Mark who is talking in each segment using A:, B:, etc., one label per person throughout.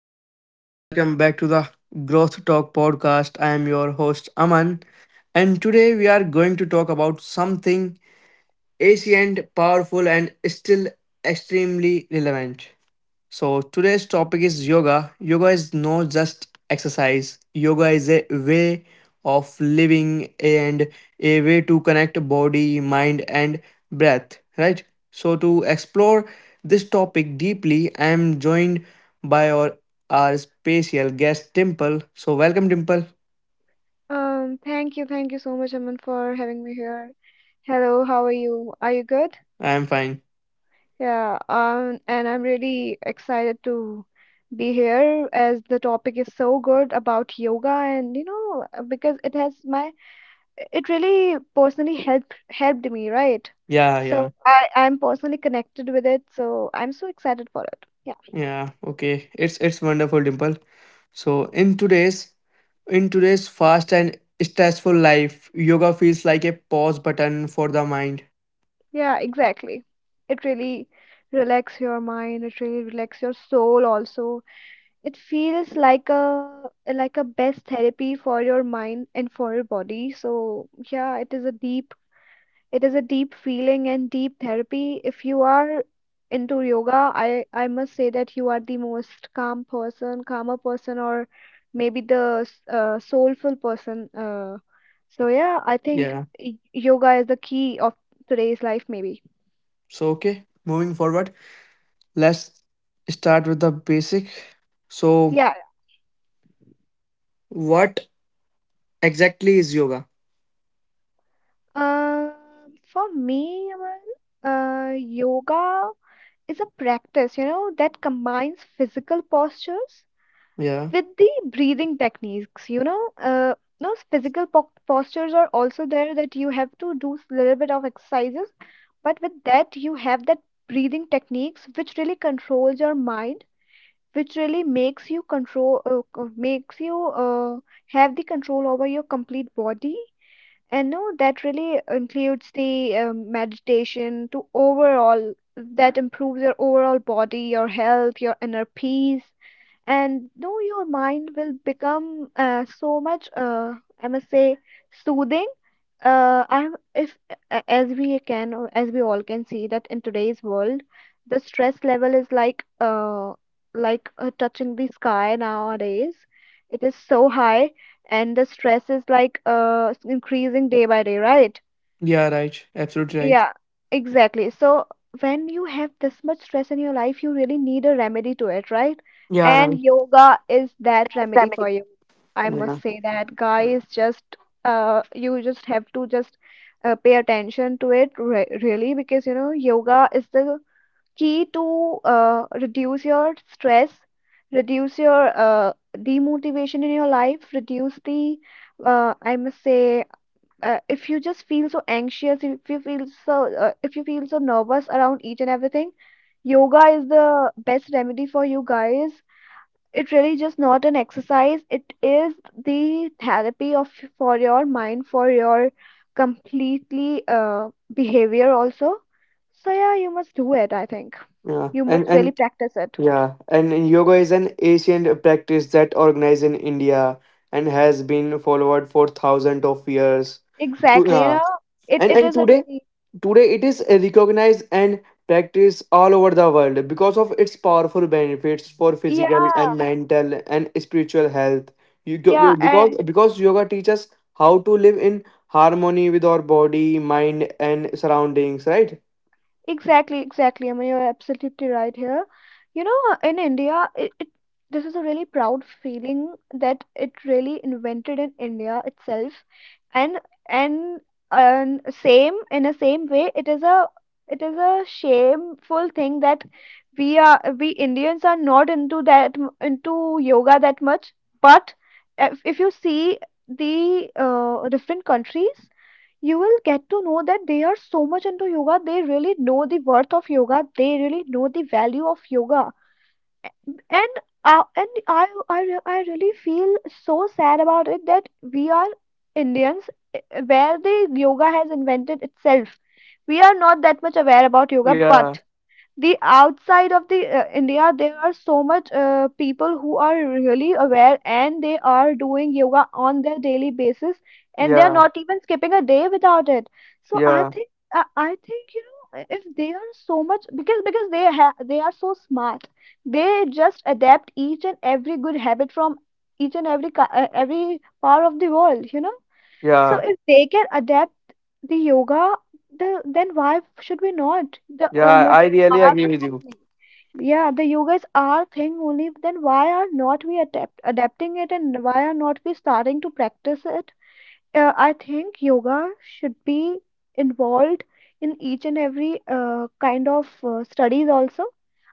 A: Hello everyone, welcome back to the Growth Talk podcast. I am your host Aman, and today we are going to talk about something ancient, powerful, and still extremely relevant. So today's topic is yoga. Yoga is not just exercise. Yoga is a way of living and a way to connect body, mind and breath, right? So to explore this topic deeply, I am joined by our special guest Dimple. So welcome Dimple.
B: Thank you so much, Aman, for having me here. Hello, how are you? Are you good?
A: I am fine.
B: Yeah, and I'm really excited to be here as the topic is so good about yoga, and because it has my it really personally helped me, right?
A: Yeah, yeah.
B: So I'm personally connected with it, so I'm so excited for it. Yeah,
A: Yeah, okay. It's wonderful, Dimple. So in today's fast and stressful life, yoga feels like a pause button for the mind.
B: yeah, exactly. It really relax your mind, it really relax your soul also. It feels like a best therapy for your mind and for your body. So yeah, it is a deep feeling and deep therapy. If you are into yoga, I must say that you are the most calm person, calmer person, or maybe the soulful person. So yeah, I think
A: Yeah.
B: yoga is the key of today's life, maybe.
A: So okay, moving forward, let's start with the basic. So
B: Yeah.
A: what exactly is yoga?
B: Um, for me, Aman, yoga is a practice, you know, that combines physical postures
A: Yeah,
B: with the breathing techniques. Those physical po postures are also there, that you have to do a little bit of exercises, but with that, you have that breathing techniques which really controls your mind, which really makes you makes you uh, have the control over your complete body. And no, that really includes the meditation to overall that improves your overall body, your health, your inner peace. And no, your mind will become so much I must say, soothing. I'm if As we can, or as we all can see, that in today's world the stress level is like touching the sky nowadays. It is so high, and the stress is like increasing day by day, right?
A: yeah, right, absolutely right.
B: Yeah, exactly. So when you have this much stress in your life, you really need a remedy to it, right?
A: Yeah,
B: And
A: right.
B: yoga is that remedy for you. I
A: Yeah,
B: must say that, guys, just you just have to just pay attention to it re really, because you know yoga is the key to reduce your stress, reduce your demotivation in your life, reduce the I must say if you just feel so anxious, if you feel so if you feel so nervous around each and everything, yoga is the best remedy for you, guys. It really just not an exercise, it is the therapy of for your mind, for your completely behavior also. So yeah, you must do it, I think.
A: yeah.
B: You must really
A: And
B: practice it
A: yeah, and yoga is an ancient practice that organized in India and has been followed for thousands of years. To,
B: exactly, you
A: yeah.
B: know. it
A: and,
B: it
A: and
B: is a
A: today,
B: really
A: today it is recognized and practiced all over the world because of its powerful benefits for physical
B: yeah
A: and mental and spiritual health. You,
B: yeah and
A: because yoga teaches how to live in harmony with our body, mind, and surroundings, right?
B: exactly, exactly. I mean, you're absolutely right here. You know, in India, it, this is a really proud feeling that it really invented in India itself, and and and same in a same way, it is a shameful thing that we Indians are not into into yoga that much. But if you see the different countries, you will get to know that they are so much into yoga. They really know the worth of yoga, they really know the value of yoga. And uh, and I really feel so sad about it, that we are Indians, where the yoga has invented itself, we are not that much aware about yoga.
A: Yeah,
B: But the outside of the India, there are so much people who are really aware, and they are doing yoga on their daily basis, and they are
A: yeah,
B: not even skipping a day without it. So I
A: yeah,
B: think I think, you know, if they are so much, because they are so smart, they just adapt each and every good habit from each and every every part of the world, you know. So
A: yeah.
B: if they can adapt the yoga, the then why should we not? The
A: Yeah,
B: oh, yoga
A: I
B: is
A: really
B: our
A: agree
B: thing
A: with you.
B: only. Yeah, the yoga is our thing only. Then why are not we adapting it, and why are not we starting to practice it? I think yoga should be involved in each and every kind of studies also.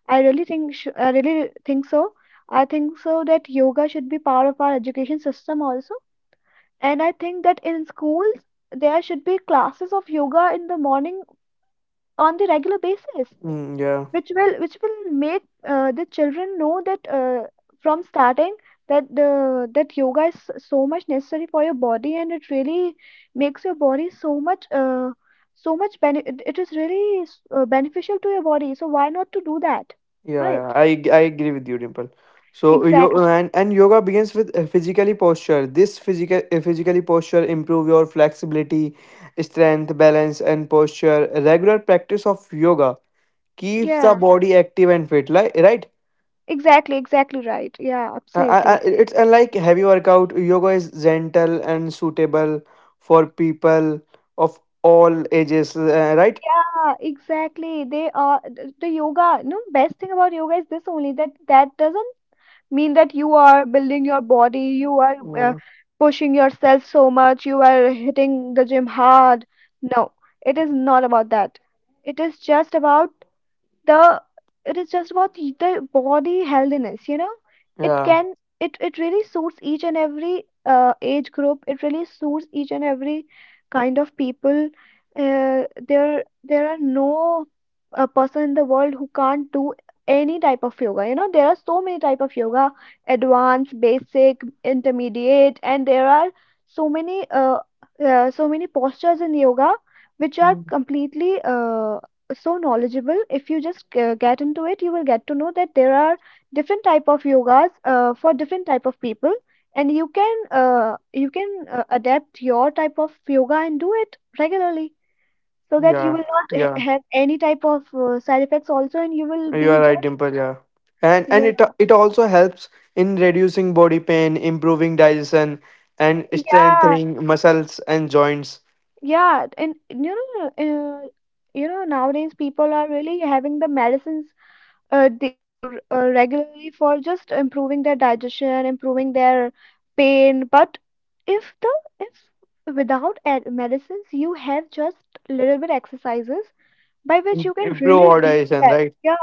B: I really think so. I think so that yoga should be part of our education system also. And I think that in schools, there should be classes of yoga in the morning on the regular basis,
A: Mm, yeah,
B: which will make the children know that from starting that yoga is so much necessary for your body, and it really makes your body so much so much bene it is really beneficial to your body. So why not to do that?
A: yeah, yeah.
B: Right?
A: I agree with you, Dimple. So yo
B: Exactly.
A: and yoga begins with physically posture. This physically posture improve your flexibility, strength, balance, and posture. Regular practice of yoga keeps the
B: Yeah.
A: body active and fit. Like right,
B: Exactly. Exactly right. Yeah. Absolutely.
A: it's unlike heavy workout. Yoga is gentle and suitable for people of all ages. Right?
B: Yeah, exactly. They are the yoga. You know, best thing about yoga is this only, that that doesn't mean that you are building your body, you are
A: Mm,
B: pushing yourself so much, you are hitting the gym hard. No, it is not about that. It is just about the it is just about the body healthiness, you know. It
A: yeah.
B: can it really suits each and every age group, it really suits each and every kind of people. Uh, there there are no a person in the world who can't do any type of yoga. You know, there are so many type of yoga, advanced, basic, intermediate, and there are so many so many postures in yoga, which are
A: Mm,
B: completely so knowledgeable. If you just get into it, you will get to know that there are different type of yogas for different type of people, and you can adapt your type of yoga and do it regularly, so
A: yeah.
B: that you will
A: Yeah.
B: not have any type of side effects also, and you will
A: You are
B: be
A: right,
B: just
A: Dimple. Yeah, and it
B: yeah
A: it also helps in reducing body pain, improving digestion, and
B: yeah
A: strengthening muscles and joints.
B: yeah. And you know, uh, you know, nowadays people are really having the medicines, they come regularly for just improving their digestion, improving their pain. But if the if without medicines you have just little bit exercises, by which you can
A: Improve
B: really
A: our
B: reduce
A: digestion,
B: that.
A: right?
B: Yeah.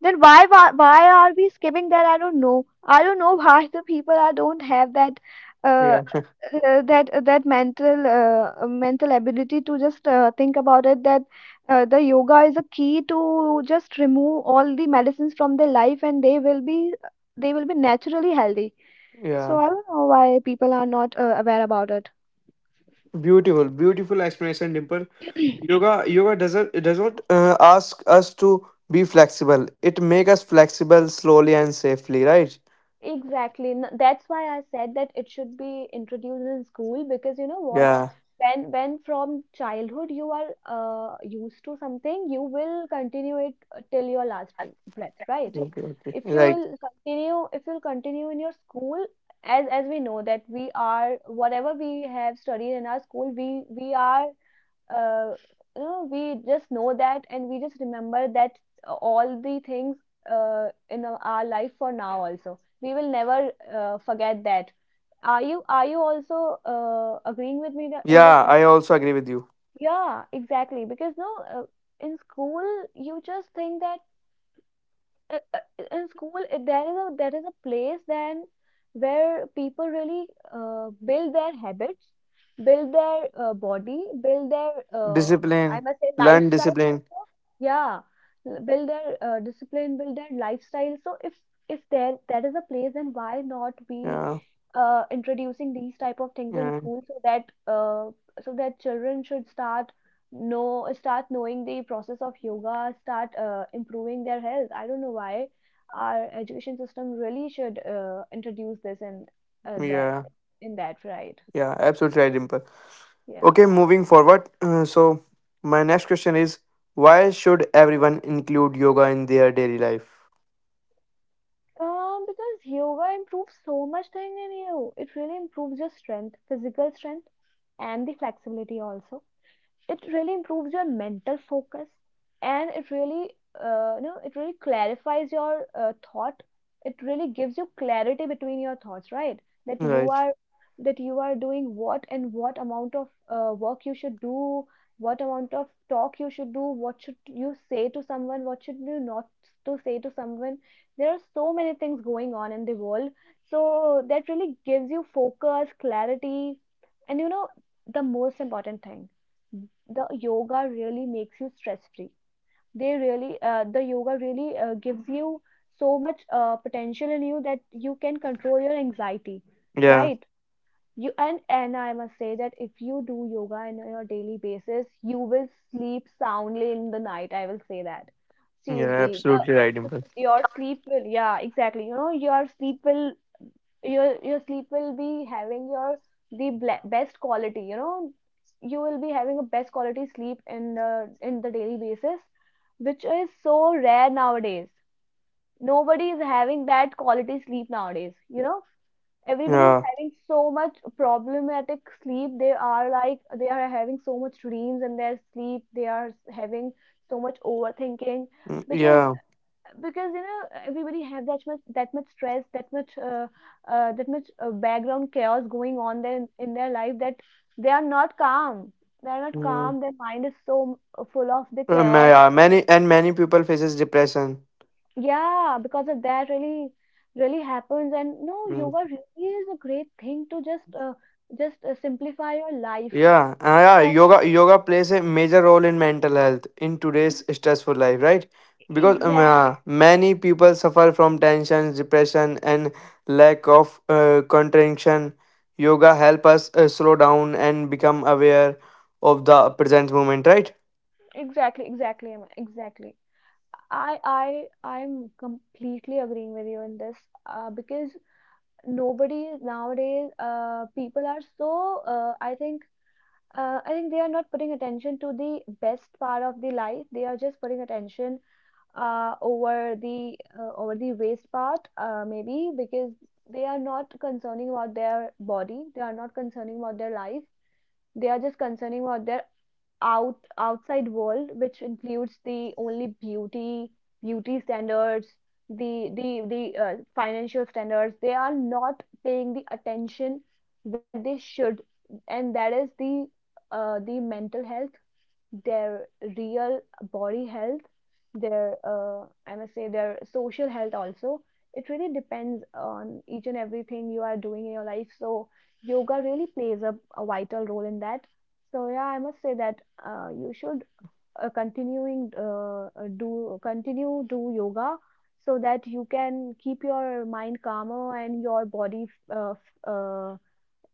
B: Then why are we skipping that? I don't know. I don't know why the people are don't have that uh,
A: Yeah,
B: that that mental ability to just think about it, that the yoga is a key to just remove all the medicines from their life, and they will be naturally healthy. So
A: yeah.
B: I don't know why people are not aware about it.
A: Beautiful, beautiful explanation, Dimple. Yoga, yoga doesn't it does not ask us to be flexible. It make us flexible slowly and safely, right?
B: Exactly. That's why I said that it should be introduced in school, because you know what?
A: Yeah.
B: When from childhood you are used to something, you will continue it till your last breath, right?
A: Okay. Okay.
B: If you
A: Right.
B: will continue, if you'll continue in your school, as we know that we are whatever we have studied in our school, we are uh, you know, we just know that, and we just remember that all the things in our life for now also. We will never forget that. Are you also agreeing with me in this,
A: Yeah,
B: Amit?
A: I also agree with you.
B: Yeah, exactly. Because no, uh, in school you just think that uh, uh, in school there is a place then where people really build their habits, build their body, build their I
A: Discipline,
B: must say
A: learn
B: lifestyle
A: discipline.
B: also. Yeah, build their discipline, build their lifestyle. So if there that is a place, then why not we
A: Yeah.
B: introducing these type of things in
A: Yeah.
B: school, so that children should start know start knowing the process of yoga, start improving their health. I don't know why our education system really should introduce this in that
A: Yeah.
B: in that, right?
A: Yeah, absolutely right, Dimple.
B: Yeah.
A: Okay, moving forward. So, my next question is why should everyone include yoga in their daily life?
B: Because yoga improves so much thing in you. It really improves your strength, physical strength, and the flexibility also. It really improves your mental focus, and it really you know, it really clarifies your thought, it really gives you clarity between your thoughts, right? that you
A: Right.
B: are that you are doing what, and what amount of work you should do, what amount of talk you should do, what should you say to someone, what should you not to say to someone. There are so many things going on in the world, so that really gives you focus, clarity. And you know, the most important thing, the yoga really makes you stress free. They really the yoga really gives you so much potential in you, that you can control your anxiety,
A: Yeah.
B: right? you and I must say that if you do yoga on your daily basis, you will sleep soundly in the night, I will say that.
A: Yeah,
B: Seriously, the-
A: absolutely right, Dimple.
B: Your sleep will, yeah, exactly, you know, your sleep will, your sleep will be having your best quality, you know. You will be having a best quality sleep in the daily basis, which is so rare nowadays. Nobody is having that quality sleep nowadays, you know.
A: Yeah.
B: Everybody is having so much problematic sleep. They are like, they are having so much dreams in their sleep. They are having so much overthinking.
A: Mm,
B: because
A: yeah.
B: because you know everybody have that much, that much stress, that much that much background chaos going on there in their life, that they are not calm. They are not
A: Mm.
B: calm. Their mind is so full of the chaos.
A: Yeah, many and many people faces depression.
B: Yeah, because of that, really, really happens. And no, yoga really is a great thing to just simplify your life.
A: Yeah, yeah,
B: that,
A: yoga yoga plays a major role in mental health in today's
B: e-
A: stressful life, right? Because yes.
B: exactly.
A: Many people suffer from tension, depression, and lack of contraction. Yoga help us slow down and become aware of the present moment, right?
B: Exactly Emma, exactly. I I'm completely agreeing with you in this. Because nobody nowadays, people are so, I think, I think they are not putting attention to the best part of the life. They are just putting attention over the, over the waste part, maybe because they are not concerning about their body. They are not concerning about their life. They are just concerning about their outside world, which includes the only beauty, beauty standards, the financial standards. They are not paying the attention where they should. And that is the, the mental health, their real body health, their, I must say, their social health also. It really depends on each and everything you are doing in your life. So yoga really plays a vital role in that. So yeah, I must say that you should continuing do continue do yoga so that you can keep your mind calmer and your body uh, f- uh,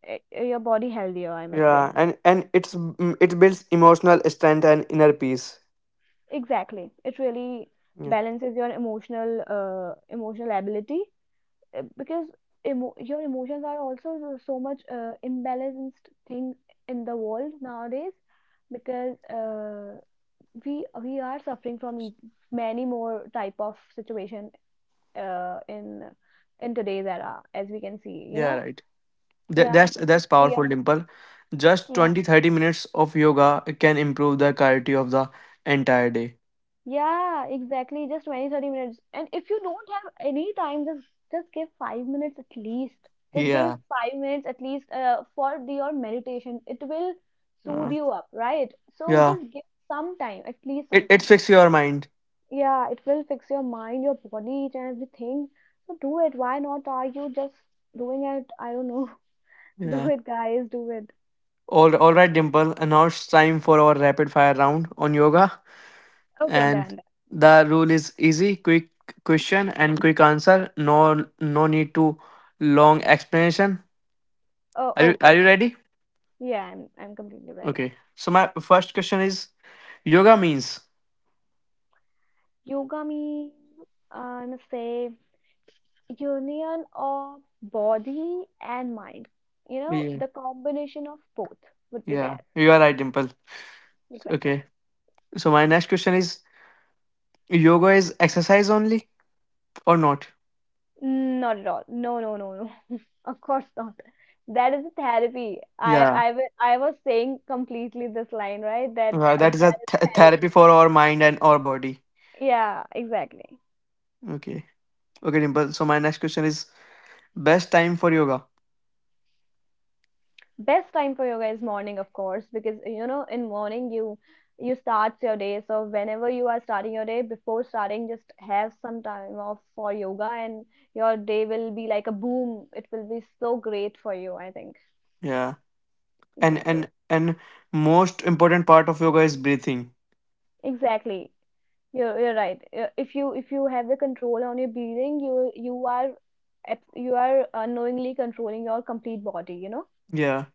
B: your body healthier, I must say.
A: Yeah, and and it builds emotional strength and inner peace.
B: Exactly. It really
A: Yeah,
B: balances your emotional, emotional ability, because your emotions are also so, so much imbalanced thing in the world nowadays, because we are suffering from many more type of situation, uh, in in today's era, as we can see, you
A: yeah,
B: know.
A: right.
B: Yeah,
A: That's
B: because
A: that's
B: we
A: powerful, Dimple. Just
B: are, yeah.
A: 20-30 minutes of yoga can improve the quality of the entire day.
B: Yeah, exactly. Just 20-30 minutes. And if you don't have any time, just give 5 minutes at least. Just give
A: Yeah.
B: 5 minutes at least, for your meditation. It will
A: Uh,
B: soothe you up, right? So
A: yeah.
B: just give some time, at least
A: It,
B: some
A: it
B: time.
A: fixes your mind.
B: Yeah, it will fix your mind, your body, each and everything. So do it. Why not? Are you just doing it? I don't know. Do
A: Yeah.
B: it, guys. Do it.
A: All right, Dimple. And now it's time for our rapid fire round on yoga.
B: Okay,
A: And
B: done.
A: the rule is easy, quick question and quick answer. No no need to long explanation.
B: Oh, okay.
A: Are you
B: Fine.
A: ready?
B: Yeah, I'm completely ready.
A: Okay. So my first question is yoga means.
B: Yoga means, I'm safe, union of body and mind. You know,
A: Yeah.
B: the combination of both would be
A: Yeah.
B: there.
A: You are right, Dimple.
B: Exactly.
A: Okay. So my next question is yoga is exercise only or not?
B: Not at all. No, no, no, no. Of course not. That is a therapy.
A: Yeah.
B: I was saying completely this line, right? That,
A: Uh, that is a
B: that is
A: th- therapy
B: therapy.
A: for our mind and our body.
B: Yeah, exactly.
A: Okay. Okay, Dimple. So my next question is best time for yoga.
B: Best time for yoga is morning, of course, because, you know, in morning you, you start your day. So whenever you are starting your day, before starting, just have some time off for yoga and your day will be like a boom. It will be so great for you, I think.
A: Yeah.
B: Exactly,
A: And most important part of yoga is breathing.
B: exactly. You're right. If you have the control on your breathing, you are, you are unknowingly controlling your complete body, you know.
A: Yeah.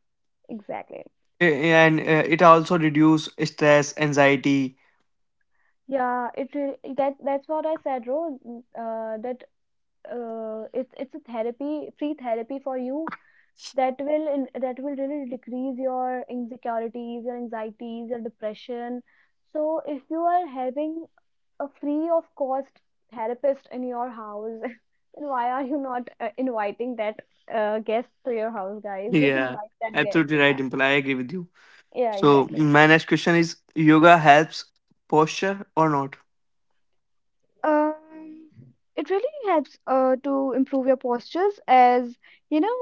B: Exactly.
A: And it also reduce stress, anxiety.
B: Yeah, it really, that's what I said, ro, that it's a therapy, free therapy for you, that will that will really decrease your insecurities, your anxieties, your depression. So if you are having a free of cost therapist in your house, then why are you not inviting that, guest to your house? Guys, just
A: Yeah.
B: invite that guest.
A: Absolutely right, Dimple. I agree with you.
B: Yeah,
A: So
B: exactly.
A: my next question is yoga helps posture or not?
B: Uh, it as you know,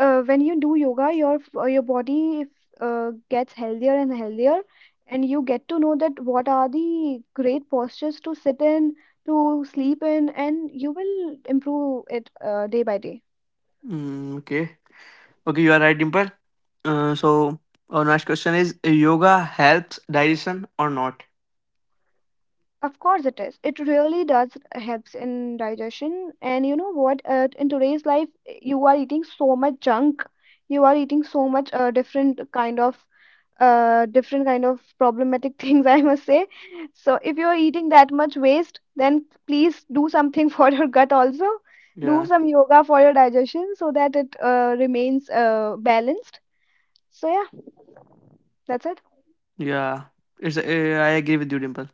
B: when you do yoga, your, your body gets healthier and healthier, and you get to know that what are the great postures to sit in, to sleep in, and you will improve it, day by day.
A: Mm, okay. Okay, you are right, Dimple. So our next question is: yoga helps digestion or not?
B: Of course, it is. It really does helps in digestion. And you know what? In today's life, you are eating so much junk. You are eating so much, different kind of problematic things, I must say. So if you're eating that much waste, then please do something for your gut also. Do
A: Yeah,
B: some yoga for your digestion so that it, remains, balanced. So yeah, that's it.
A: yeah. It's I agree with you, Dimple.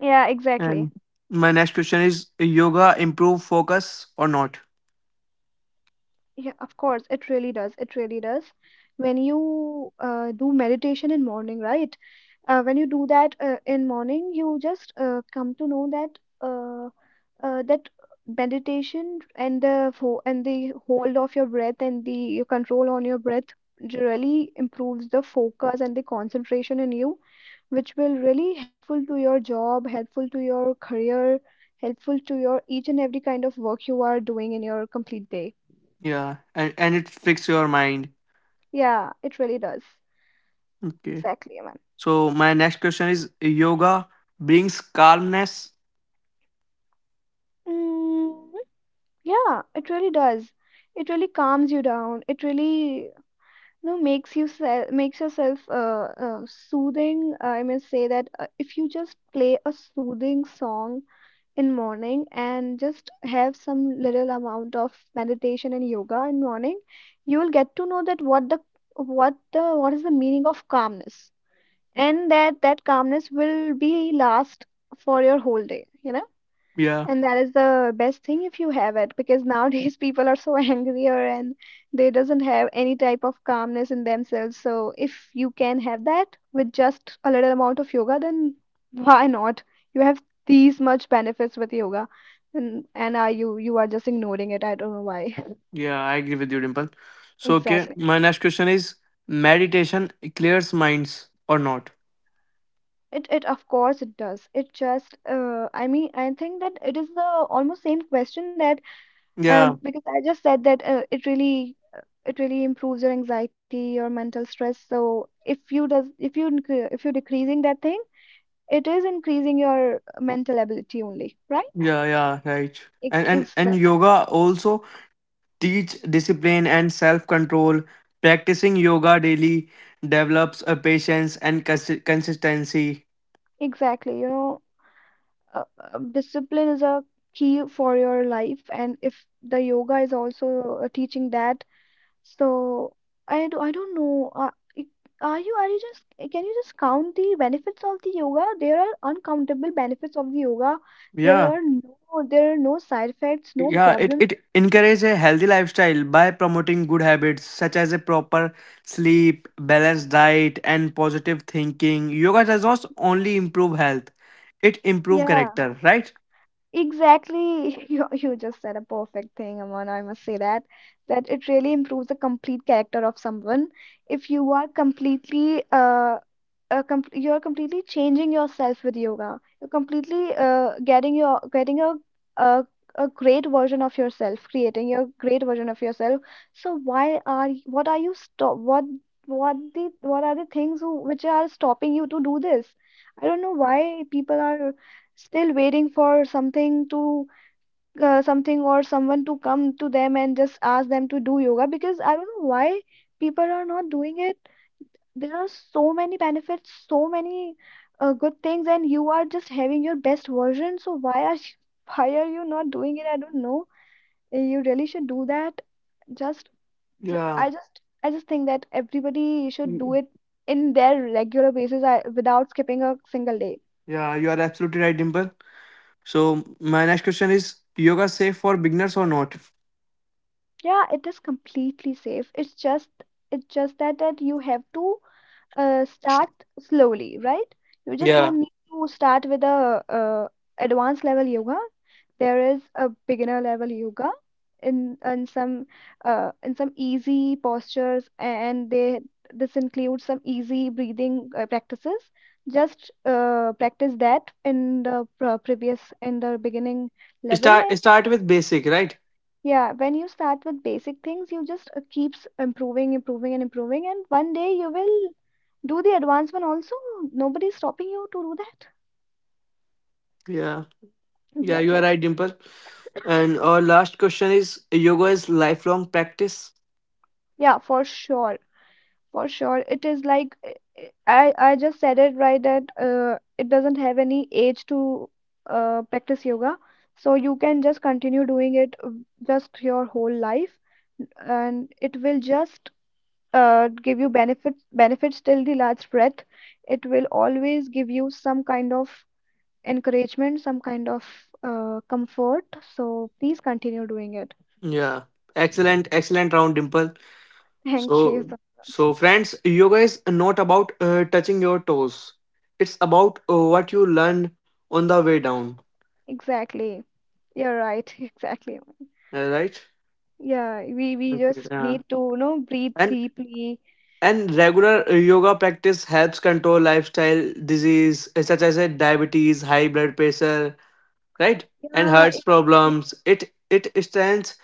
B: Yeah, exactly.
A: And my next question is: yoga improve focus or not?
B: Yeah, of course, it really does. It really does. When you, do meditation in morning, right? When you do that, in morning, you just, come to know that, uh, that meditation and the, and the hold of your breath and the your control on your breath really improves the focus and the concentration in you, which will really helpful to your job, helpful to your career, helpful to your each and every kind of work you are doing in your complete day.
A: Yeah, and it fix your mind.
B: Yeah, it really does.
A: Okay.
B: Exactly, man.
A: So my next question is: yoga brings calmness.
B: Mm, yeah, it really does. It really calms you down. It really, no, makes you, se makes yourself, soothing, I must say. That if you just play a soothing song in morning and just have some little amount of meditation and yoga in morning, you will get to know that what the, what is the meaning of calmness, and that, that calmness will be last for your whole day, you know.
A: Yeah,
B: And that is the best thing if you have it, because nowadays people are so angrier and they doesn't have any type of calmness in themselves. So if you can have that with just a little amount of yoga, then why not? You have these much benefits with yoga, and are you you are just ignoring it? I don't know why.
A: yeah. I agree with you, Dimple. So okay,
B: Exactly.
A: my next question is: meditation clears minds or not?
B: It Of course it does. It just, uh, I mean, I think that it is the almost same question. That, um,
A: Yeah,
B: because I just said that, it really improves your anxiety, your mental stress. So if you does, if you're decreasing that thing, it is increasing your mental ability only, right?
A: yeah, yeah, right. And
B: Exactly.
A: yoga also teach discipline and self-control. Practicing yoga daily develops a patience and consistency.
B: Exactly. You know, discipline is a key for your life, and if the yoga is also, teaching that. So I do, I don't know. Are you, just, can you just count the benefits of the yoga? There are uncountable benefits of the yoga. There
A: Yeah.
B: are no, side effects, no
A: Yeah, it
B: problems.
A: it encourages a healthy lifestyle by promoting good habits such as a proper sleep, balanced diet, and positive thinking. Yoga does not only improve health, it improve
B: Yeah.
A: character, right?
B: Exactly. You just said a perfect thing, Aman. I must say that, that it really improves the complete character of someone. If you are completely, you're completely changing yourself with yoga. You're completely, getting your, getting a a great version of yourself, creating your great version of yourself. So why are, y- what are you stop what the, what are the things who, which are stopping you to do this? I don't know why people are still waiting for something to, something or someone to come to them and just ask them to do yoga, because I don't know why people are not doing it. There are so many benefits, so many, good things, and you are just having your best version. So why are you, why are you not doing it? I don't know. You really should do that. Just
A: Yeah.
B: I just, think that everybody should do
A: Mm,
B: it in their regular basis, without skipping a single day.
A: yeah, you are absolutely right, Dimple. So my next question is yoga safe for beginners or not?
B: Yeah, it is completely safe. It's just, that, that you have to, start slowly, right? You just
A: Yeah.
B: don't need to start with a, advanced level yoga. There is a beginner level yoga in, some, in some easy postures, and they, this includes some easy breathing, practices. Just, practice that in the, pre- previous in the beginning level.
A: Start start with basic, right?
B: Yeah, when you start with basic things, you just, keeps improving, improving, and improving, and one day you will do the advanced one also. Nobody's stopping you to do that.
A: Yeah. Yeah, you are
B: Exactly.
A: right, Dimple. And our last question is yoga is lifelong practice.
B: Yeah, for sure. For sure. It is like, I just said it right that, it doesn't have any age to, practice yoga. So you can just continue doing it, just your whole life, and it will just, give you benefits, till the last breath. It will always give you some kind of encouragement, some kind of, comfort. So please continue doing it.
A: Yeah. Excellent, excellent round, Dimple.
B: Thank you
A: So
B: so much.
A: so friends, yoga is not about touching your toes. It's about what you learn on the way down.
B: Exactly. You're right. Exactly.
A: Right?
B: Yeah, we
A: Okay.
B: just
A: Yeah.
B: need to, you know, breathe
A: And.
B: deeply.
A: And regular yoga practice helps control lifestyle disease such as diabetes, high blood pressure, right? And
B: Yeah,
A: heart
B: exactly.
A: problems. It strengthens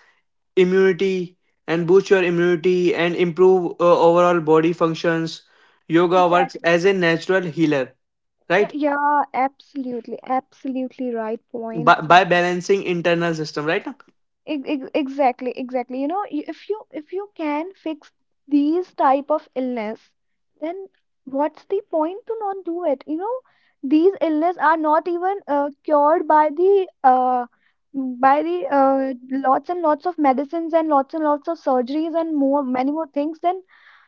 A: immunity and boosts your immunity and improve overall body functions. Yoga works
B: Exactly.
A: as a natural healer,
B: Yeah,
A: right?
B: yeah, absolutely. Absolutely right point.
A: By balancing internal system, right?
B: Exactly, exactly. You know, if you can fix these type of illness, then what's the point to not do it? You know, these illness are not even cured by the lots and lots of medicines and lots of surgeries and more many more things. Then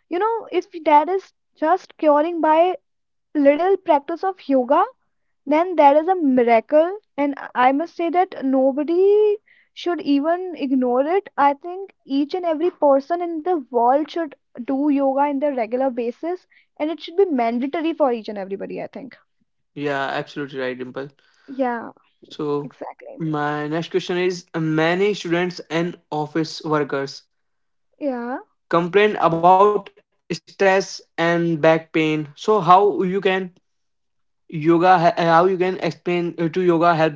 B: you know, if that is just curing by little practice of yoga, then that is a miracle and I must say that nobody should even ignore it. I think each and every person in the world should do yoga in their regular basis, and it should be mandatory for each and everybody, I think.
A: Yeah, absolutely right, Dimple.
B: Yeah,
A: So
B: exactly.
A: my next question is many students and office workers
B: Yeah.
A: complain about stress and back pain, so how you can how you can explain to yoga help them?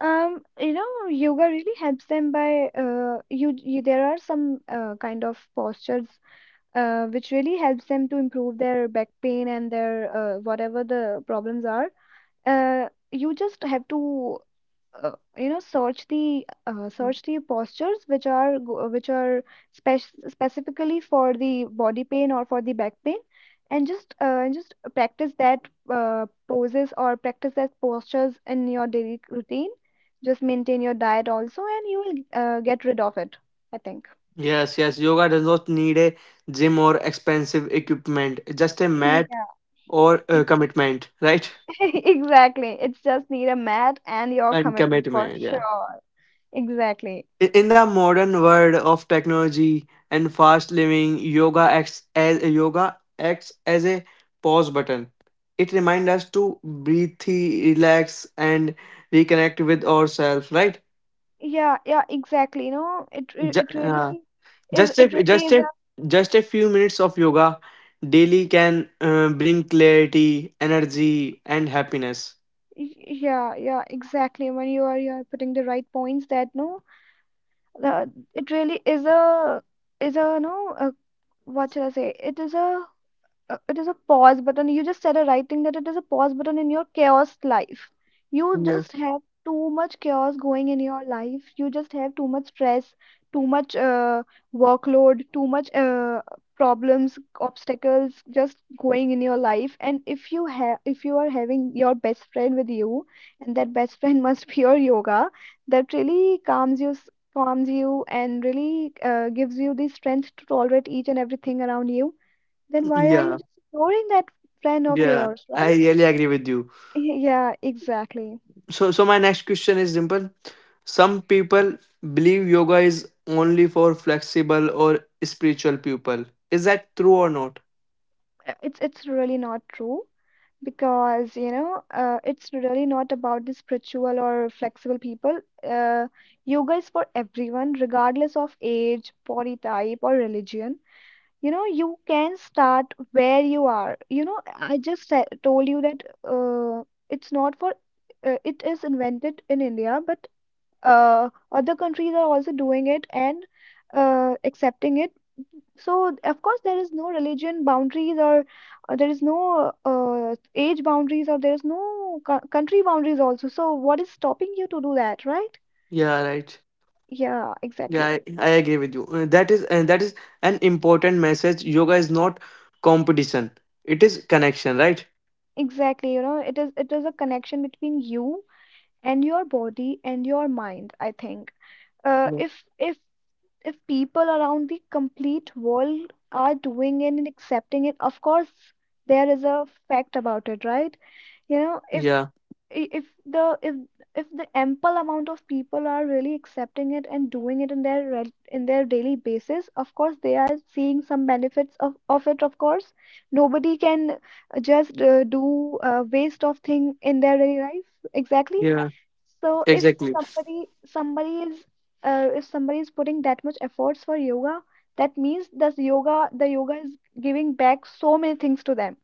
B: um you know, yoga really helps them by you, you there are some kind of postures which really helps them to improve their back pain and their whatever the problems are. You just have to, you know, search the, search the postures which which are spec specifically for the body pain or for the back pain, and just practice that poses or practice that postures in your daily routine. Just maintain your diet also, and you will get rid of it, I think.
A: Yes, yes, yoga does not need a gym or expensive equipment, just a mat
B: Yeah.
A: or
B: e-
A: a commitment, right?
B: exactly, it's just need a mat and your
A: And
B: commitment for
A: commitment, yeah.
B: sure. Exactly.
A: In the modern world of technology and fast living, yoga acts as a pause button. It reminds us to breathe, relax, and reconnect with ourselves. Right?
B: Yeah, yeah, exactly. You know, it re-
A: Ju-
B: it really
A: uh,
B: is.
A: Just a just a just a few minutes of yoga daily can bring clarity, energy, and happiness.
B: Yeah, yeah, exactly. When you are putting the right points that no, the it really is a, is a, no, a, what should I say? It is a, it is a pause button. You just said a right thing that it is a pause button in your chaos life. You
A: Yeah,
B: just have too much chaos going in your life. You just have too much stress, too much workload, too much problems, obstacles just going in your life. And if you have, if you are having your best friend with you, and that best friend must be your yoga, that really calms you. Calms you and really gives you the strength to tolerate each and everything around you. Then why are you
A: yeah,
B: just ignoring that friend of
A: yeah.
B: yours,
A: I
B: right?
A: really agree with you.
B: Yeah, exactly.
A: So, so my next question is simple. Some people believe yoga is only for flexible or spiritual people. Is that true or not?
B: It's really not true because you know it's really not about the spiritual or flexible people. Yoga is for everyone, regardless of age, body type, or religion. You know, you can start where you are. You know, I told you that it's not for it is invented in India, but other countries are also doing it and accepting it. So, of course, there is no religion boundaries, or there is no age boundaries, or there is no country boundaries also. So, what is stopping you to do that, right?
A: Yeah, right.
B: Yeah,
A: Yeah,
B: exactly.
A: I agree with you. That is an important message. Yoga is not competition. It is connection, right?
B: Exactly, you know, it is a connection between you and your body and your mind, I think. Uh,
A: Yeah.
B: if if if people around the complete world are doing it and accepting it, of course, there is a fact about it, right?
A: Yeah.
B: You know, if I- the if if the ample amount of people are really accepting it and doing it in in their daily basis, of course they are seeing some benefits of it. Of course, nobody can just do waste of thing in their daily life, exactly.
A: Yeah.
B: So if
A: Exactly.
B: somebody, somebody is if somebody is putting that much efforts for yoga, that means that yoga the yoga is giving back so many things to them.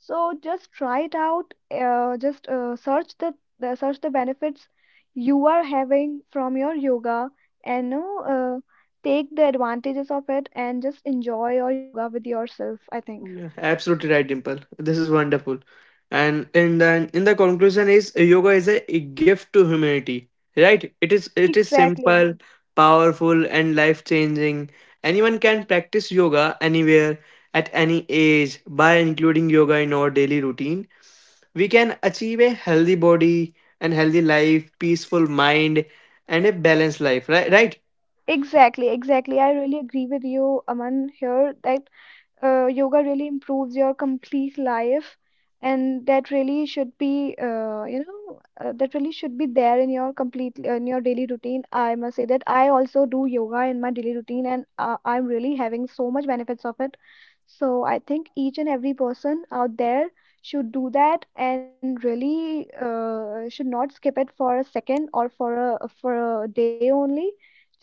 B: So just try it out. Just search the search the benefits you are having from your yoga, and you know, take the advantages of it, and just enjoy your yoga with yourself. I think
A: Yeah, absolutely right, Dimple. This is wonderful. And in the conclusion is yoga is a gift to humanity, right? It is
B: exactly,
A: simple, powerful, and life changing. Anyone can practice yoga anywhere at any age by including yoga in our daily routine. We can achieve a healthy body and healthy life, peaceful mind, and a balanced life, right? Right?
B: exactly. I really agree with you, Aman. Here, that yoga really improves your complete life, and that really should be, that really should be there in your complete, in your daily routine. I must say that I also do yoga in my daily routine, and I'm really having so much benefits of it. So I think each and every person out there should do that, and really should not skip it for a second or for a, for a day only.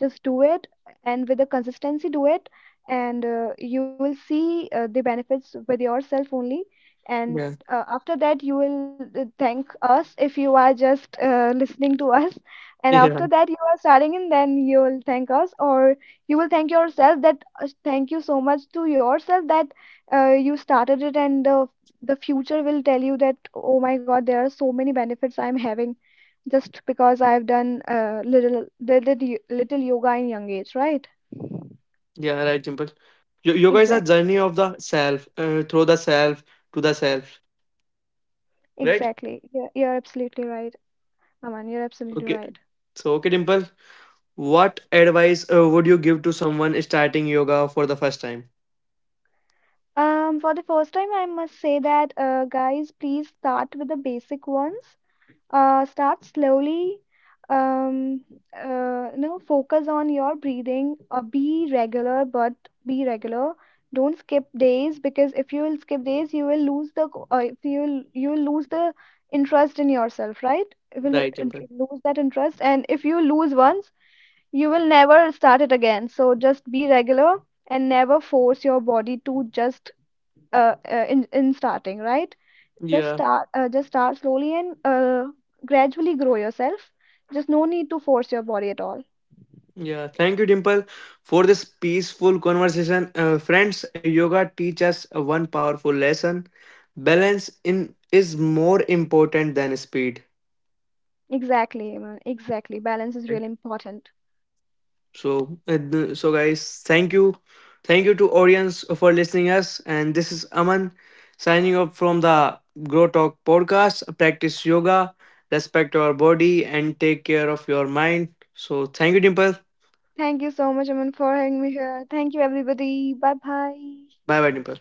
B: Just do it, and with the consistency do it, and you will see the benefits with yourself only. And
A: Yeah.
B: after that you will thank us if you are just listening to us, and after
A: Yeah.
B: that you are starting, and then you will thank us, or you will thank yourself that, thank you so much to yourself that you started it. And the future will tell you that, oh my god, there are so many benefits I'm having just because I've done little little little yoga in young age, right?
A: Yeah, right, Dimple. Yoga is a journey of
B: Exactly.
A: the self, through the self to the self, right?
B: Exactly. You're absolutely right, Aman. You're absolutely
A: Okay.
B: right.
A: So, okay, Dimple, what advice would you give to someone starting yoga for the first time?
B: For the first time, I must say that, guys, please start with the basic ones. Start slowly. Um, you know, focus on your breathing. Be regular, but be regular. Don't skip days, because if you will skip days, you will lose the co- if you will you will lose the interest in yourself, right? You will
A: Right, Dimple.
B: lose that interest, and if you lose once, you will never start it again. So just be regular, and never force your body to just, in starting, right?
A: Yeah,
B: Just start slowly, and gradually grow yourself. Just no need to force your body at all.
A: yeah. Thank you, Dimple, for this peaceful conversation. Friends, yoga teaches us one powerful lesson: balance in is more important than speed.
B: Exactly, Aman. Exactly. Balance is really
A: Right?
B: important.
A: So, so guys, thank you to audience for listening us. And this is Aman signing off from the Grow Talk podcast. Practice yoga, respect your body, and take care of your mind. So, thank you, Dimple.
B: Thank you so much, Aman, for having me here. Thank you, everybody. Bye bye.
A: Bye, bye, Dimple.